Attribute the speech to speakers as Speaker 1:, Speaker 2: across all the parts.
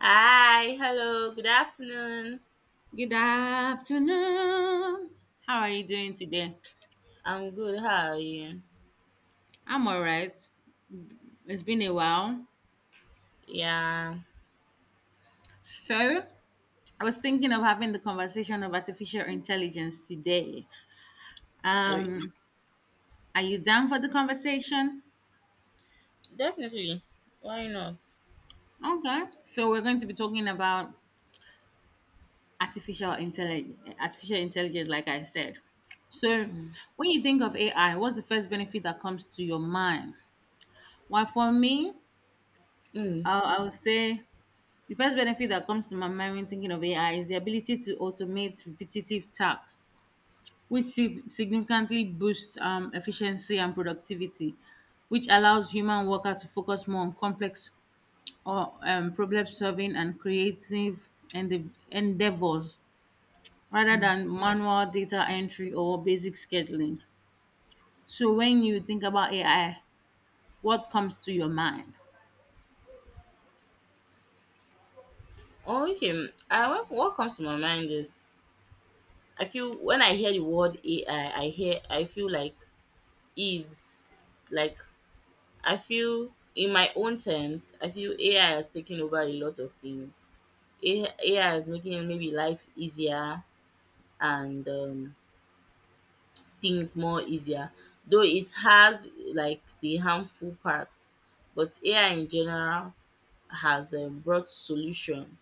Speaker 1: Hi, hello, good afternoon.
Speaker 2: Good afternoon. How are you doing today?
Speaker 1: I'm good. How are you?
Speaker 2: I'm all right. It's been a while.
Speaker 1: Yeah,
Speaker 2: So, I was thinking of having the conversation of artificial intelligence today.
Speaker 1: we-
Speaker 2: Um, are you down for the conversation?
Speaker 1: definitely. Why not?
Speaker 2: Okay. So, we're going to be talking about artificial intelligence like I said. So,
Speaker 1: Mm.
Speaker 2: when you think of AI, what's the first benefit that comes to your mind? Well, for me,
Speaker 1: Mm.
Speaker 2: I would say the first benefit that comes to my mind when thinking of AI is the ability to automate repetitive tasks, which significantly boosts efficiency and productivity, which allows human worker to focus more on complex or problem solving and creative endeavors rather
Speaker 1: Mm.
Speaker 2: than manual data entry or basic scheduling. So, when you think about AI, what comes to your mind?
Speaker 1: Okay. What comes to my mind is I feel when I hear the word AI, I feel like it's like I feel in my own terms. I feel AI has taken over a lot of things. AI is making maybe life easier and things more easier, though it has like the harmful part. But AI in general has brought solution,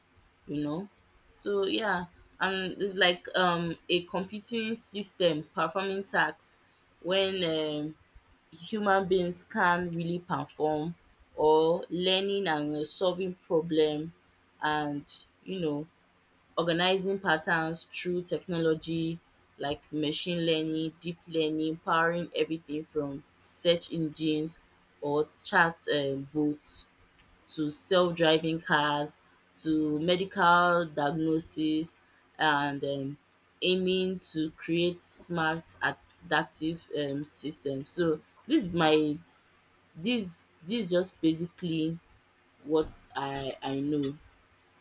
Speaker 1: you know. So yeah, and it's like a computing system performing tasks when human beings can't really perform or learning and solving problem and you know organizing patterns through technology like machine learning, deep learning, powering everything from search engines or chat bots to self driving cars to medical diagnosis and aiming to create smart adaptive system. So this my this just basically what I know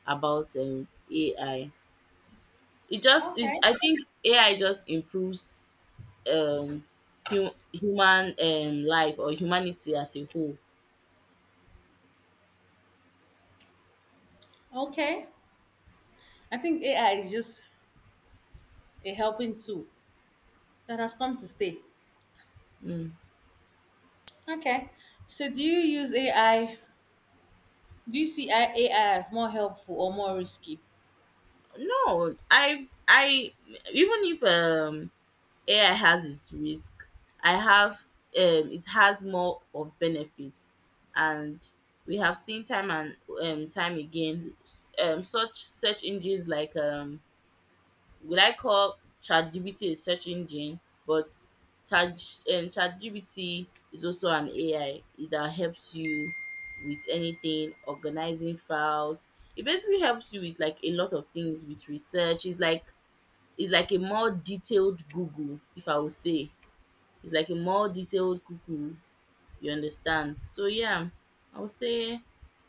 Speaker 1: about AI. It just
Speaker 2: Okay.
Speaker 1: is I think AI just improves um human life or humanity as a whole.
Speaker 2: Okay. I think AI is just a helping tool that has come to stay.
Speaker 1: Mm.
Speaker 2: Okay. So do you use AI? Do you see AI as more helpful or more risky?
Speaker 1: No I even if AI has its risk, I have it has more of benefits, and we have seen time and time again such search engines like would I call ChatGPT a search engine? But Chat ChatGPT is also an AI it that helps you with anything, organizing files. It basically helps you with like a lot of things with research. It's like a more detailed Google, if I would say. It's like a more detailed Google, you understand. So yeah, I would say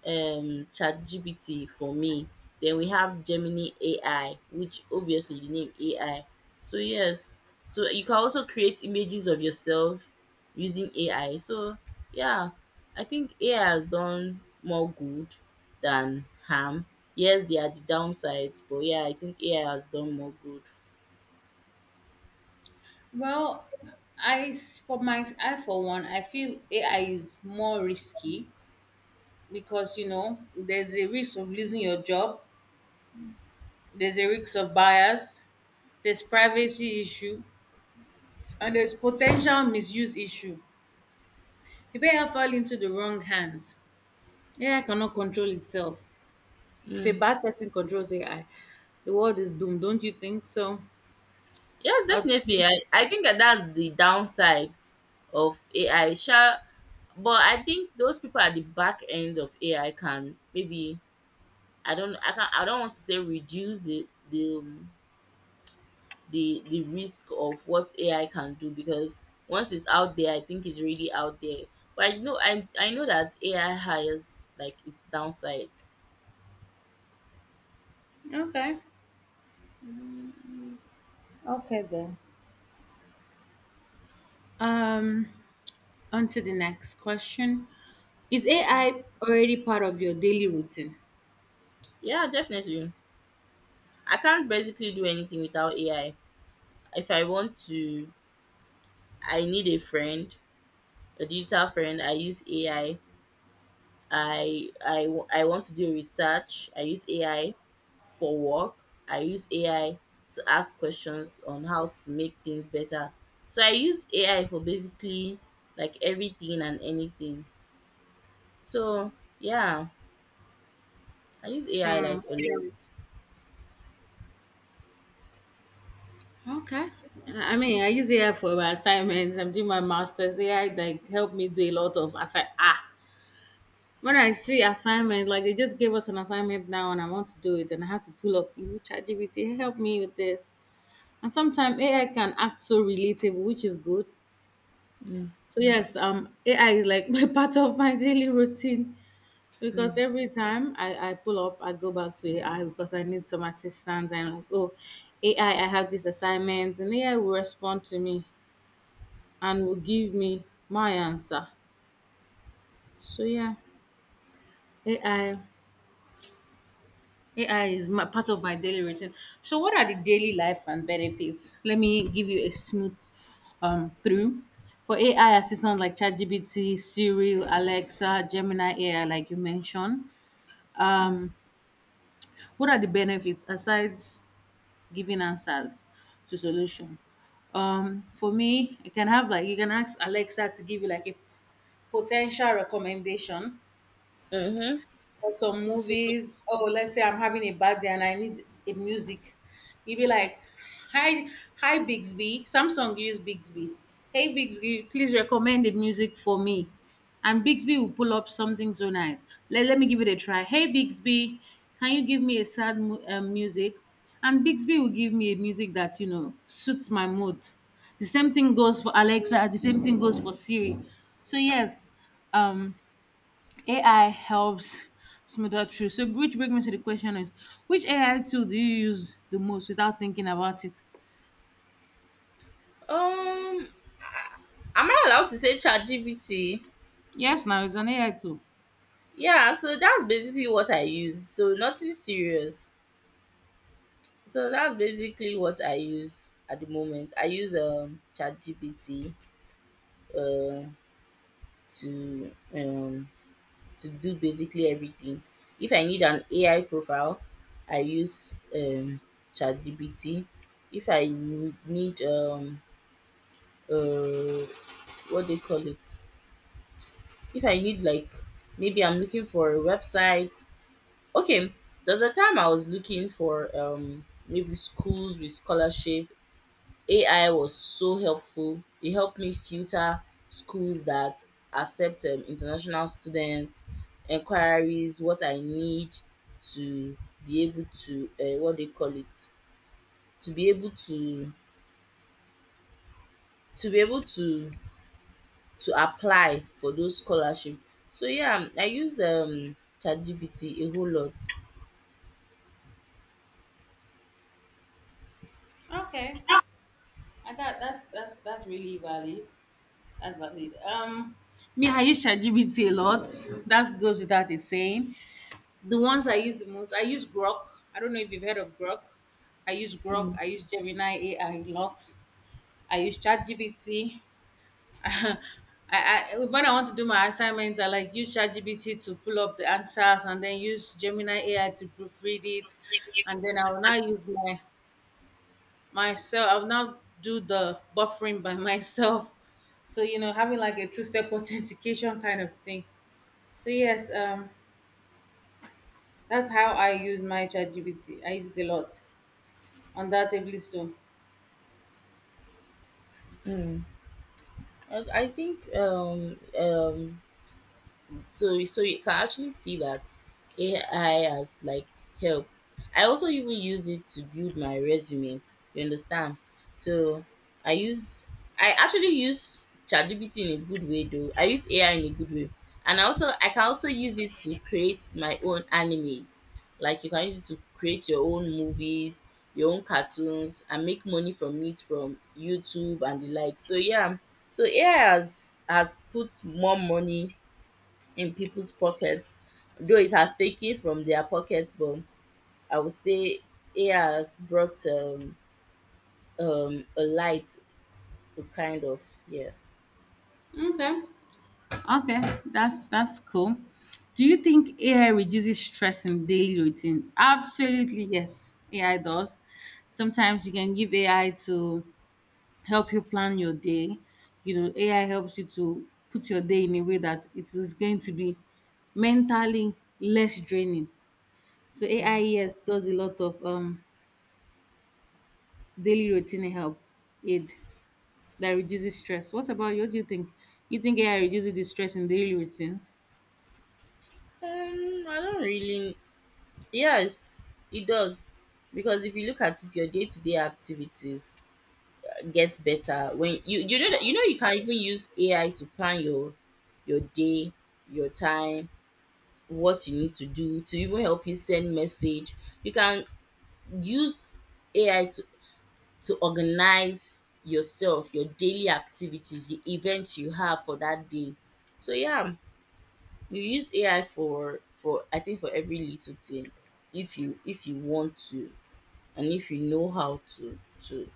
Speaker 1: chat gpt for me. Then we have Gemini AI, which obviously the name AI. So yes, so you can also create images of yourself using AI. So yeah, I think AI has done more good than harm. Yes, there are the downsides, but yeah, I think AI has done more good.
Speaker 2: Well, I s- for my I for one, I feel AI is more risky because you know there's a risk of losing your job, there's a risk of bias, there's privacy issue, and there's potential misuse issue. If AI fall into the wrong hands, AI cannot control itself. If a
Speaker 1: Mm.
Speaker 2: bad person controls AI, the world is doomed, don't you think so?
Speaker 1: Yes,
Speaker 2: I'd say
Speaker 1: definitely. I think that that's the downside of AI. Sha, but I think those people at the back end of AI can maybe I don't want to say reduce the risk of what AI can do because once it's out there, I think it's really out there. But I know I know that AI has like its downsides.
Speaker 2: okay. Okay then. Um, on to the next question. Is AI already part of your daily routine?
Speaker 1: Yeah, definitely. I can't basically do anything without AI. If I want to, I need a friend, a digital friend. I use AI. I want to do research. I use AI. For work, I use AI to ask questions on how to make things better. So I use AI for basically like everything and anything. So yeah, I use AI like a lot.
Speaker 2: Okay. I mean, I use AI for my assignments. I'm doing my master's. AI like helped me do a lot of When I see assignment, like they just gave us an assignment now, and I want to do it, and I have to pull up you know, ChatGPT help me with this. And sometimes AI can act so relatable, which is good.
Speaker 1: Mm,
Speaker 2: So yes, AI is like my part of my daily routine. Because
Speaker 1: mm,
Speaker 2: every time I pull up, I go back to AI because I need some assistance. I'm like, oh, AI, I have this assignment, and AI will respond to me and will give me my answer. So yeah, AI, AI is my, part of my daily routine. So what are the daily life and benefits? Let me give you a smooth through. For AI assistants like ChatGPT, Siri, Alexa, Gemini AI, like you mentioned,
Speaker 1: mm.
Speaker 2: um, what are the benefits aside giving answers to solution. For me, you can have like you can ask Alexa to give you like a potential recommendation
Speaker 1: Mm-hmm.
Speaker 2: or some movies. Oh, let's say I'm having a bad day and I need a music. You'd be like, "Hi, hi, Bixby. Samsung use Bixby. Hey, Bixby, please recommend the music for me." And Bixby will pull up something so nice. Let me give it a try. Hey, Bixby, can you give me a sad music? And Bixby will give me a music that you know suits my mood. The same thing goes for Alexa. The same thing goes for Siri. So yes, um AI helps smooth out through. So, which brings me to the question is, which AI tool do you use the most without thinking about it?
Speaker 1: Um, am I allowed to say ChatGPT?
Speaker 2: Yes, now it's an AI tool.
Speaker 1: Yeah, so that's basically what I use. So nothing serious. So that's basically what I use at the moment. I use ChatGPT uh, to um to do basically everything. If I need an AI profile, I use ChatGPT. If I need, uh, what they call it? If I need, like, maybe I'm looking for a website. Okay, there's a time I was looking for maybe schools with scholarship. AI was so helpful. It helped me filter schools that accept international students, inquiries, what I need to be able to what they call it to be able to to be able to to apply for those scholarship. So yeah, I use ChatGPT a whole lot.
Speaker 2: Okay, I thought that's really valid. That's valid. Me, I use ChatGPT a lot. That goes without a saying. The ones I use the most, I use Grok. I don't know if you've heard of Grok. I use Grok.
Speaker 1: Mm,
Speaker 2: I use Gemini AI a lot. I use ChatGPT. I, I when I want to do my assignments, I like use ChatGPT to pull up the answers and then use Gemini AI to proofread it, and then I will now use my myself. I will now do the buffering by myself. So you know, having like a two-step authentication kind of thing. So yes, that's how I use my ChatGPT. I use it a lot on that table. So
Speaker 1: mm. I think so so you can actually see that AI has like help. I also even use it to build my resume. You understand? So I use I actually use ChatGPT in a good way though. I use AI in a good way, and I can also use it to create my own animes. Like you can use it to create your own movies, your own cartoons, and make money from it from YouTube and the like. So yeah, so AI has put more money in people's pockets. Though it has taken from their pockets, but I would say AI has brought a light, a kind of, yeah.
Speaker 2: okay. Okay, that's cool. Do you think AI reduces stress in daily routine? Absolutely, yes. AI does. Sometimes you can give AI to help you plan your day. You know, AI helps you to put your day in a way that it is going to be mentally less draining. So AI, yes, does a lot of daily routine help aid that reduces stress. What about you? What do you think? You think AI reduces the stress in daily routines?
Speaker 1: I don't really. Yes, it does. Because if you look at it, your day-to-day activities gets better when you know you can even use AI to plan your day, your time, what you need to do, to even help you send message. You can use AI to organize yourself, your daily activities, the events you have for that day. So yeah, you use AI for I think for every little thing if you want to, and if you know how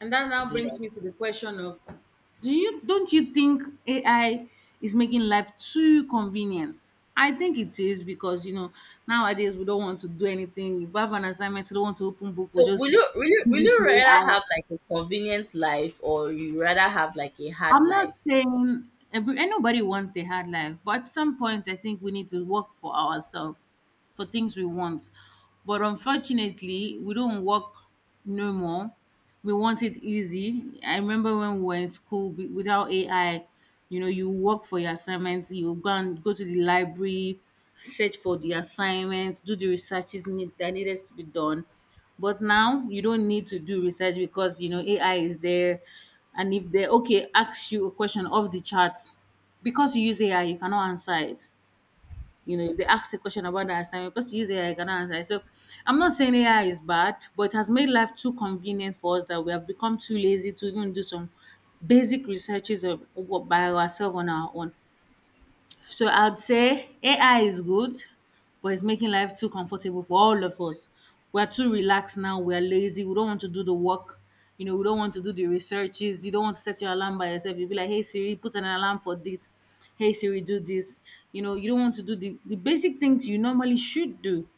Speaker 2: And that
Speaker 1: to
Speaker 2: now
Speaker 1: do
Speaker 2: brings
Speaker 1: that.
Speaker 2: me to the question of do you don't you think AI is making life too convenient? I think it is because you know nowadays we don't want to do anything. If we have an assignment, we don't want to open book, we
Speaker 1: So will
Speaker 2: just
Speaker 1: you will you
Speaker 2: give
Speaker 1: will
Speaker 2: it
Speaker 1: you
Speaker 2: to
Speaker 1: rather
Speaker 2: AI.
Speaker 1: have like a convenient life, or you rather have like a hard
Speaker 2: I'm not
Speaker 1: life?
Speaker 2: saying every anybody wants a hard life, but at some point I think we need to work for ourselves, for things we want. But unfortunately, we don't work no more. We want it easy. I remember when we were in school without AI, you know, you work for your assignments, you go and go to the library, search for the assignments, do the that needed to be done but now you don't need to do research because you know AI is there and if they okay, ask you a question off the chart, because you use AI, you cannot answer it. You know, if they ask a question about the assignment, because you use AI, you cannot answer it. So I'm not saying AI is bad, but it has made life too convenient for us that we have become too lazy to even do some basic researches of by ourselves on our own. So I'd say AI is good, but it's making life too comfortable for all of us. We're too relaxed now. We're lazy. We don't want to do the work. You know, we don't want to do the researches. You don't want to set your alarm by yourself. You'll be like, hey Siri, put an alarm for this. Hey Siri, do this. You know, you don't want to do the basic things you normally should do.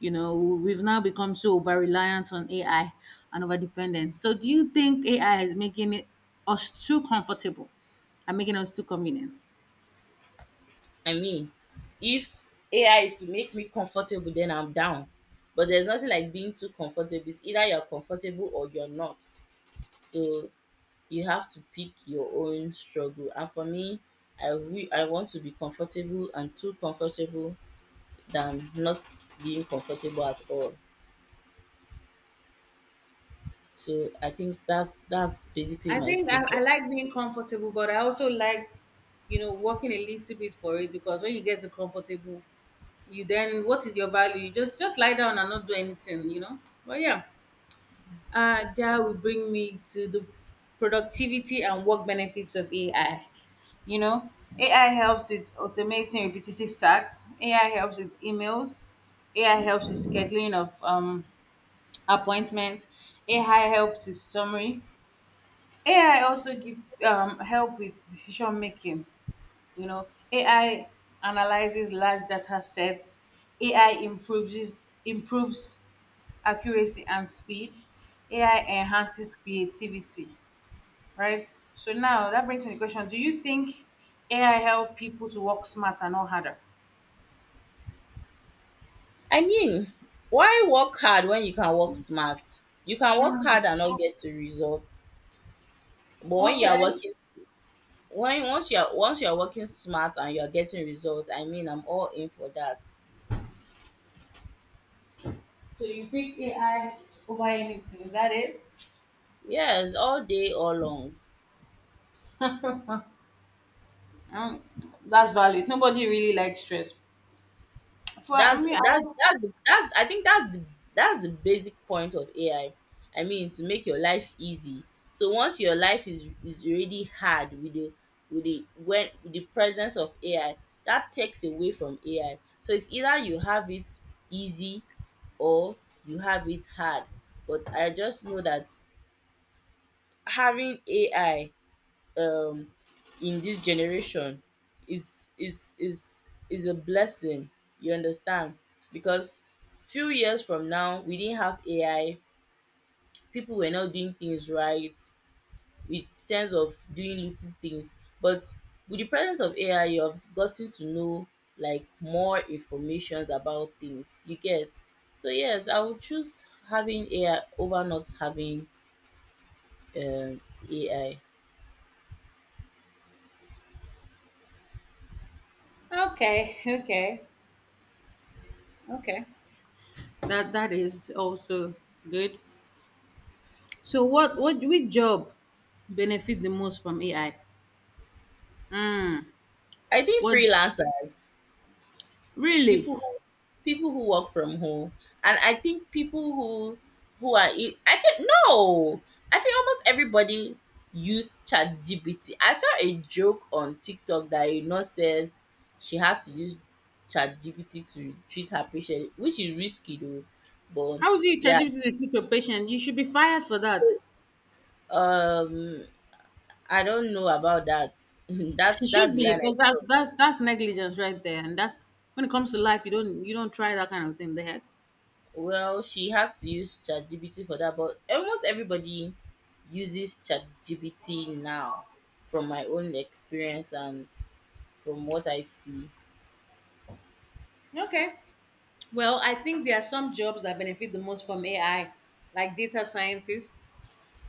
Speaker 2: You know, we've now become so over reliant on AI and over dependent. So do you think AI is making it us too comfortable and making us too convenient?
Speaker 1: I mean, if AI is to make me comfortable, then I'm down. But there's nothing like being too comfortable. It's either you're comfortable or you're not. So you have to pick your own struggle. And for me, I want to be comfortable and too comfortable than not being comfortable at all. So I think that's basically
Speaker 2: I
Speaker 1: my
Speaker 2: think I
Speaker 1: simple.
Speaker 2: like being comfortable, but I also like, you know, working a little bit for it because when you get to comfortable, you then what is your value? You just lie down and not do anything, you know. But yeah, that would bring me to the productivity and work benefits of AI. You know, AI helps with automating repetitive tasks. AI helps with emails. AI helps with scheduling of appointments. AI helps with summary. AI also give help with decision making. You know, AI analyzes large data sets. AI improves accuracy and speed. AI enhances creativity. Right. So now that brings me the question: do you think AI help people to work smarter, and not harder?
Speaker 1: I mean, why work hard when you can work smart? You can work
Speaker 2: Mm.
Speaker 1: hard and not get the result. But
Speaker 2: Okay.
Speaker 1: when once you are working smart and you are getting results, I mean I'm all in for that.
Speaker 2: So you picked AI over anything. Is that it?
Speaker 1: Yes, all day, all long.
Speaker 2: Um, that's valid. Nobody really likes stress. For
Speaker 1: that's
Speaker 2: me,
Speaker 1: that's
Speaker 2: I
Speaker 1: that's the, that's I think that's the basic point of AI. I mean, to make your life easy. So once your life is already hard with the when with the presence of AI, that takes away from AI. So it's either you have it easy or you have it hard. But I just know that having AI um in this generation is is is is a blessing, you understand, because few years from now we didn't have AI, people were not doing things right in terms of doing little things. But with the presence of AI, you have gotten to know like more informations about things you get. So yes, I would choose having AI over not having um AI.
Speaker 2: okay, okay, okay. That that is also good. So what which job benefit the most from AI?
Speaker 1: I think
Speaker 2: What
Speaker 1: freelancers,
Speaker 2: really?
Speaker 1: people who work from home, and I think people who are I think no, I think almost everybody use chat gpt I saw a joke on TikTok that a nurse said she had to use chat gpt to treat her patient, which is risky though, but
Speaker 2: How do you
Speaker 1: yeah,
Speaker 2: ChatGPT to treat your patient? You should be fired for that.
Speaker 1: um I don't know about that. that's
Speaker 2: You
Speaker 1: that's
Speaker 2: should
Speaker 1: the
Speaker 2: be
Speaker 1: line I
Speaker 2: because
Speaker 1: cross.
Speaker 2: that's negligence right there, and that's when it comes to life. You don't try that kind of thing. The heck.
Speaker 1: Well, she had to use ChatGPT for that, but almost everybody uses ChatGPT now from my own experience and from what I see.
Speaker 2: Okay. Well, I think there are some jobs that benefit the most from AI, like data scientist,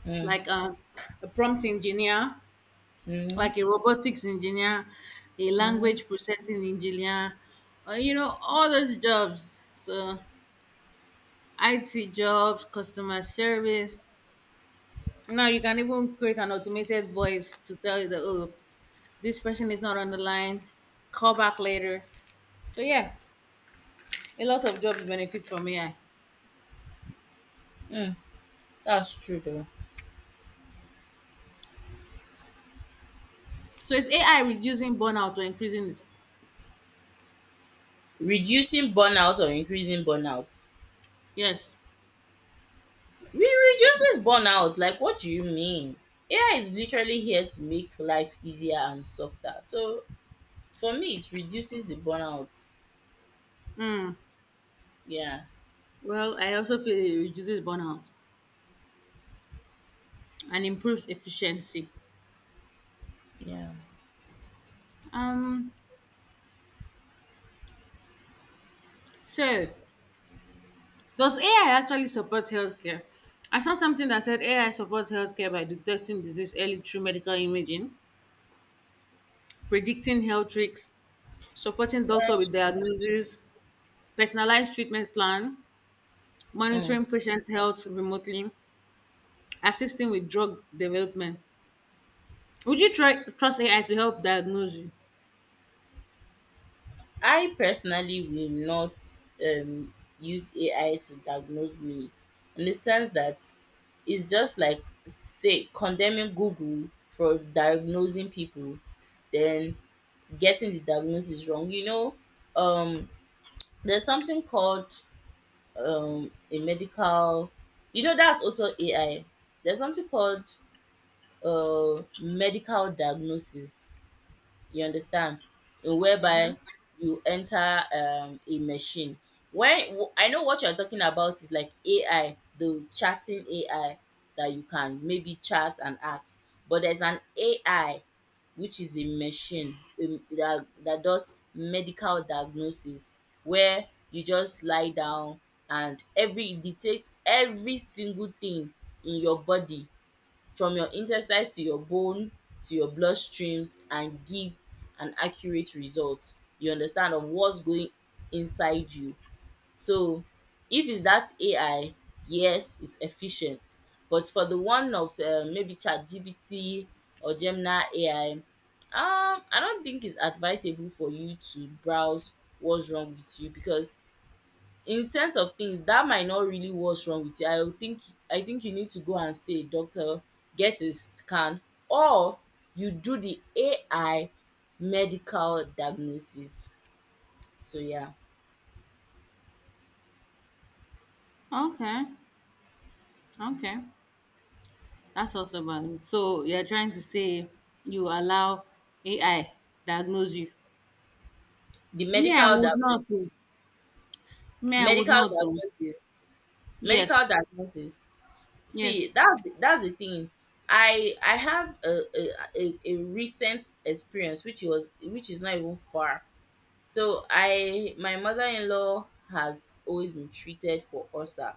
Speaker 1: Mm,
Speaker 2: like a prompt engineer,
Speaker 1: mm,
Speaker 2: like a robotics engineer, a
Speaker 1: mm,
Speaker 2: language processing engineer, you know, all those jobs. So, IT jobs, customer service. Now, you can even create an automated voice to tell you that, oh, this person is not on the line, call back later. So, yeah, a lot of jobs benefit from AI.
Speaker 1: mm. That's true though.
Speaker 2: So, is AI reducing burnout or increasing it?
Speaker 1: Reducing burnout or increasing burnout.
Speaker 2: Yes.
Speaker 1: We reduces burnout. Like what do you mean? AI is literally here to make life easier and softer. So for me, it reduces the burnout. Yeah.
Speaker 2: Well, I also feel it reduces burnout and improves efficiency.
Speaker 1: Yeah.
Speaker 2: Um, so Does AI actually support healthcare? I saw something that said AI supports healthcare by detecting disease early through medical imaging, predicting health risks, supporting doctor with diagnosis, personalized treatment plan,
Speaker 1: Mm.
Speaker 2: monitoring patient health remotely, assisting with drug development. Would you try trust AI to help diagnose you?
Speaker 1: I personally will not um, use AI to diagnose me, in the sense that it's just like, say, condemning Google for diagnosing people, then getting the diagnosis wrong. You know, um, there's something called a medical, you know, that's also AI. There's something called medical diagnosis, you understand? In whereby you enter a machine. When I know what you're talking about is like AI, the chatting AI that you can maybe chat and ask, but there's an AI which is a machine that that does medical diagnosis where you just lie down and every it detects every single thing in your body, from your intestines to your bone to your bloodstreams, and give an accurate result. You understand, of what's going inside you. So if it's that AI, yes, it's efficient. But for the one of maybe ChatGPT or Gemini AI, I don't think it's advisable for you to browse what's wrong with you because in sense of things, that might not really what's wrong with you. I would think I think you need to go and see a doctor, get a scan, or you do the AI medical diagnosis. So yeah,
Speaker 2: Okay, okay, that's also valid. So you're trying to say you allow AI diagnose you?
Speaker 1: the
Speaker 2: Me, I
Speaker 1: medical
Speaker 2: would not. Oh.
Speaker 1: diagnosis,
Speaker 2: Me, I would
Speaker 1: medical
Speaker 2: not. Oh.
Speaker 1: diagnosis,
Speaker 2: Yes.
Speaker 1: medical diagnosis.
Speaker 2: Yes.
Speaker 1: See, that's the thing. I have a, a recent experience which was which is not even far. So I my mother-in-law has always been treated for ulcer,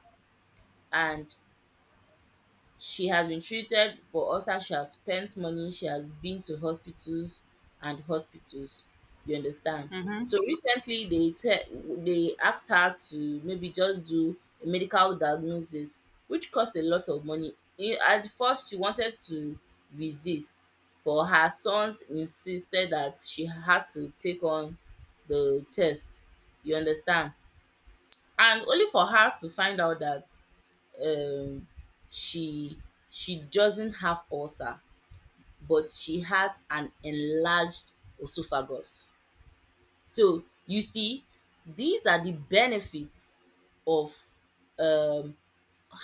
Speaker 1: and she has been treated, but also she has spent money, she has been to hospitals and hospitals, you understand.
Speaker 2: Mm-hmm.
Speaker 1: So recently they asked her to maybe just do a medical diagnosis which cost a lot of money. E at first she wanted to resist, but her sons insisted that she had to take on the test, you understand. And only for her to find out that um she she doesn't have ulcer but she has an enlarged esophagus. So you see, these are the benefits of um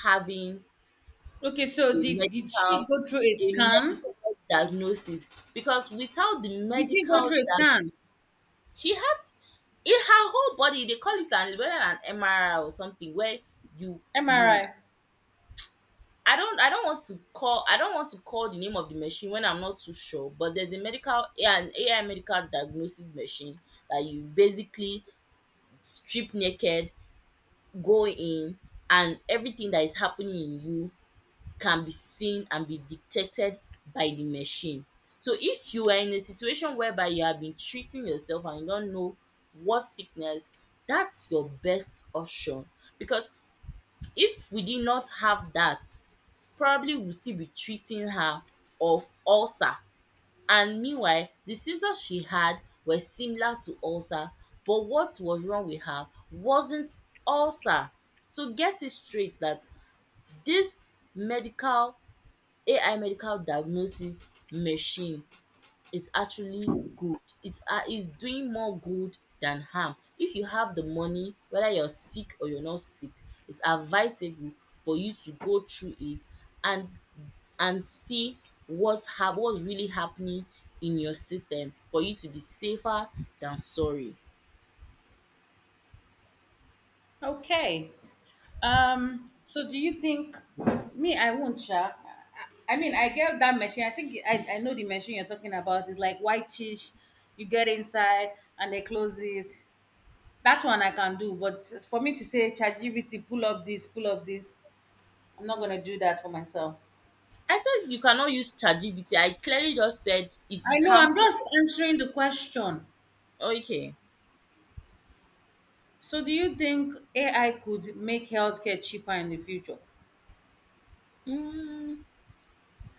Speaker 1: having
Speaker 2: Okay,
Speaker 1: a
Speaker 2: so did she
Speaker 1: medical
Speaker 2: go through a
Speaker 1: a
Speaker 2: scan?
Speaker 1: medical diagnosis. Because without the
Speaker 2: Did she go
Speaker 1: medical
Speaker 2: through a
Speaker 1: diagnosis,
Speaker 2: scan?
Speaker 1: she had in her whole body, they call it an, whether an MRI or something where you you
Speaker 2: MRI.
Speaker 1: I don't want to call, the name of the machine when I'm not too sure, but there's a medical AI an AI medical diagnosis machine that you basically strip naked, go in, and everything that is happening in you can be seen and be detected by the machine. So if you are in a situation whereby you have been treating yourself and you don't know what sickness, that's your best option. Because if we did not have that, probably will still be treating her of ulcer, and meanwhile the symptoms she had were similar to ulcer but what was wrong with her wasn't ulcer. So get it straight that this medical AI medical diagnosis machine is actually good. It's doing more good than harm. If you have the money, whether you're sick or you're not sick, it's advisable for you to go through it and see what's really happening in your system, for you to be safer than sorry.
Speaker 2: Okay. So do you think me? I won't. Sha. I mean, I get that machine. I think I know the machine you're talking about. It's like white you get inside and they close it. That one I can do, but for me to say ChatGPT, pull up this, I'm not gonna do that for myself.
Speaker 1: I said you cannot use ChatGPT. I clearly just said it
Speaker 2: I
Speaker 1: is
Speaker 2: know. I'm
Speaker 1: harmful.
Speaker 2: just answering the question.
Speaker 1: Okay.
Speaker 2: So, do you think AI could make healthcare cheaper in the future?
Speaker 1: Mm,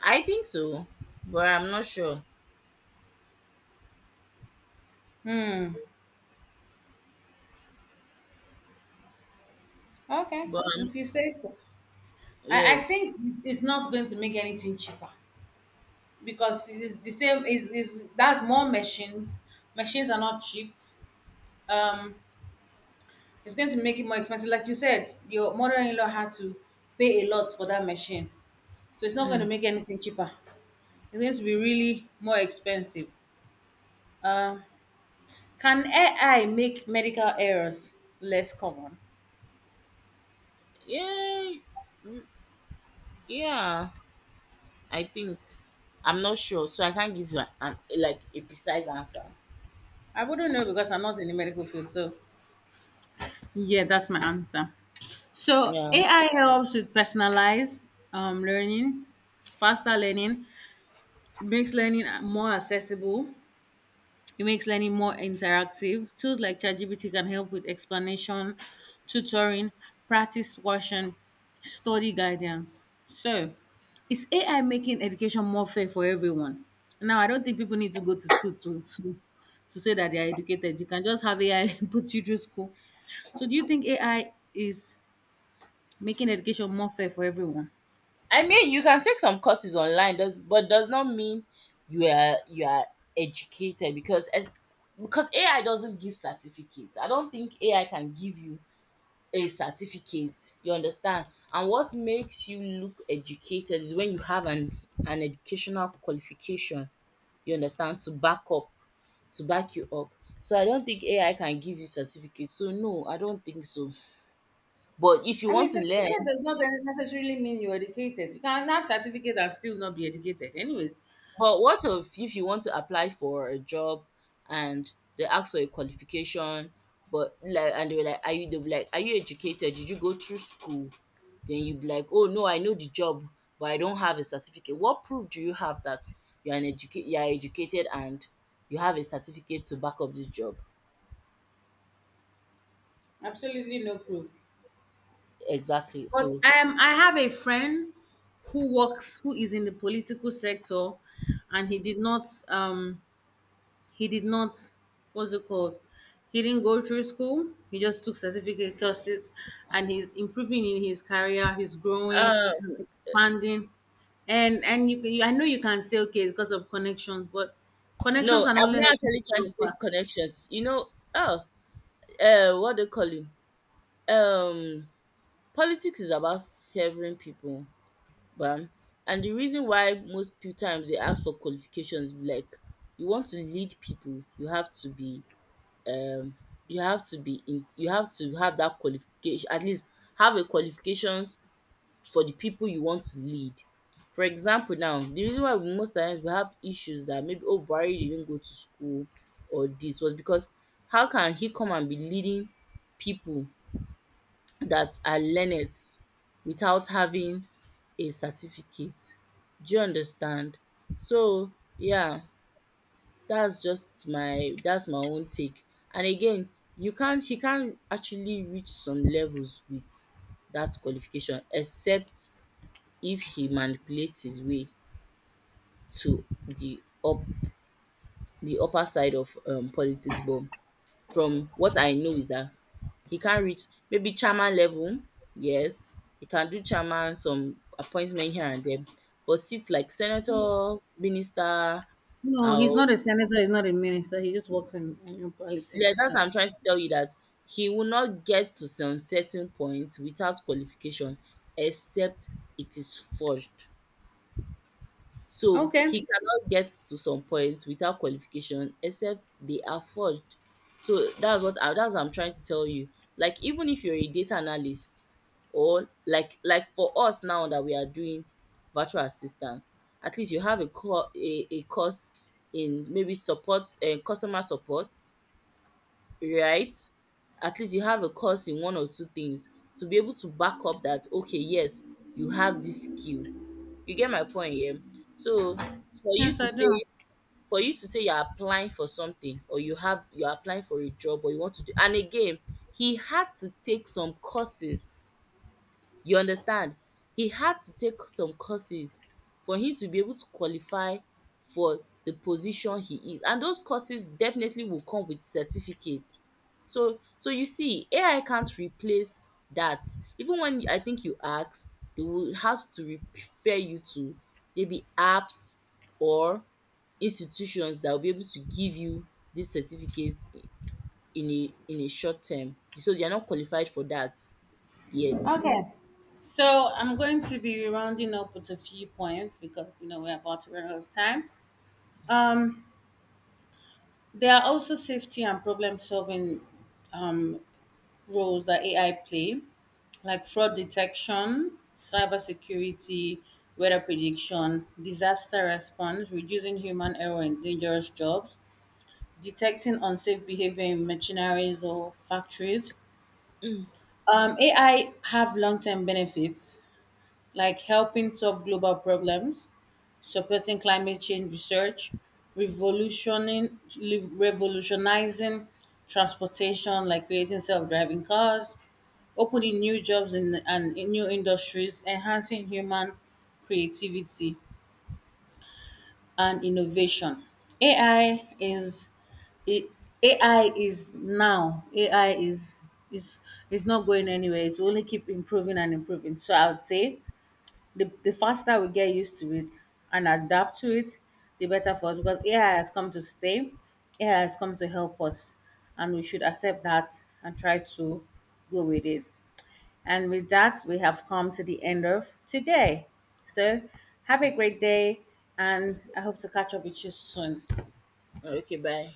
Speaker 1: I think so, but I'm not sure.
Speaker 2: Okay,
Speaker 1: But I'm,
Speaker 2: if you say so. I
Speaker 1: yes,
Speaker 2: think it's not going to make anything cheaper because it's the same. Is that's more machines. Machines are not cheap. Um, it's going to make it more expensive. Like you said, your mother-in-law had to pay a lot for that machine. So it's not going to make anything cheaper. It's going to be really more expensive. Um, can AI make medical errors less common?
Speaker 1: yeah, Yeah, I think. I'm not sure, so I can't give you an like a precise answer.
Speaker 2: I wouldn't know because I'm not in the medical field. So, yeah, that's my answer. So,
Speaker 1: Yeah.
Speaker 2: AI helps with personalized learning, faster learning, makes learning more accessible, it makes learning more interactive. Tools like ChatGPT can help with explanation, tutoring, practice version, study guidance. So, is AI making education more fair for everyone? Now, I don't think people need to go to school to say that they are educated. You can just have AI put you through school. So, do you think AI is making education more fair for everyone?
Speaker 1: I mean, you can take some courses online, does but does not mean you are educated, because as because AI doesn't give certificates. I don't think AI can give you a certificate. You understand? And what makes you look educated is when you have an educational qualification. You understand? To back up, to back you up. So I don't think AI can give you certificate. So no, I don't think so. But if you
Speaker 2: I mean,
Speaker 1: want to
Speaker 2: certificate
Speaker 1: learn,
Speaker 2: does not necessarily mean you're educated. You can have certificate and still not be educated. Anyway,
Speaker 1: but what if you want to apply for a job and they ask for a qualification, but like, and they were like, are you educated? Did you go through school? Then you would be like, oh no, I know the job, but I don't have a certificate. What proof do you have that you are educated and you have a certificate to back up this job?
Speaker 2: absolutely no proof.
Speaker 1: Exactly.
Speaker 2: But
Speaker 1: So
Speaker 2: I have a friend who works, who is in the political sector, and he did not, what's it called? He didn't go through school. He just took certificate courses, and he's improving in his career. He's growing,
Speaker 1: uh,
Speaker 2: expanding, and you, can- you I know you can say okay it's because of connections, but connection
Speaker 1: no,
Speaker 2: can
Speaker 1: I'm
Speaker 2: only
Speaker 1: not
Speaker 2: help you be
Speaker 1: actually trying to
Speaker 2: so
Speaker 1: say
Speaker 2: far.
Speaker 1: connections. You know, oh, what they call him? Um, politics is about serving people, but and the reason why most few times they ask for qualifications, be like, you want to lead people, you have to be, um, you have to be in, you have to have that qualification, at least have a qualifications for the people you want to lead. For example now, the reason why we most times we have issues that maybe, oh, Buhari didn't go to school or this, was because how can he come and be leading people that are learned without having a certificate? Do you understand? So yeah, that's my own take. And again, you can't he can't actually reach some levels with that qualification except if he manipulates his way to the upper side of politics. But from what I know is that he can't reach maybe chairman level. Yes, he can do chairman, some appointment here and there, but seats like
Speaker 2: He,
Speaker 1: senator, minister,
Speaker 2: no, he's
Speaker 1: or
Speaker 2: not a senator. He's not a minister. He just works in
Speaker 1: like
Speaker 2: politics.
Speaker 1: that.
Speaker 2: So.
Speaker 1: I'm trying to tell you that he will not get to some certain points without qualification, except it is forged. So
Speaker 2: Okay.
Speaker 1: he cannot get to some points without qualification except they are forged. So that's what I'm trying to tell you. Like even if you're a data analyst or like for us now that we are doing virtual assistance, at least you have a course in maybe support and customer support, right? At least you have a course in one or two things to be able to back up that okay, yes, you have this skill. You get my point here? So for you
Speaker 2: Yes,
Speaker 1: to
Speaker 2: I do.
Speaker 1: say for you to say you're applying for something or you're applying for a job or you want to do, and again, he had to take some courses. You understand? He had to take some courses for him to be able to qualify for the position he is, and those courses definitely will come with certificate. So so you see, AI can't replace that. Even when I think you ask, they will have to refer you to maybe apps or institutions that will be able to give you these certificates in a short term. So they are not qualified for that yet.
Speaker 2: Okay. So I'm going to be rounding up with a few points because you know we're about to run out of time. Um, there are also safety and problem solving um, roles that AI play, like fraud detection, cybersecurity, weather prediction, disaster response, reducing human error in dangerous jobs, detecting unsafe behavior in machineries or factories. AI have long term benefits like helping solve global problems, supporting climate change research, revolutionizing transportation, like creating self-driving cars, opening new jobs and in new industries, enhancing human creativity and innovation. AI is it, AI is now. AI is is is not going anywhere. It will only keep improving and improving. So I would say the faster we get used to it and adapt to it, the better for us because AI has come to stay. AI has come to help us, and we should accept that and try to go with it. And with that, we have come to the end of today. So, have a great day, and I hope to catch up with you soon.
Speaker 1: Okay, bye.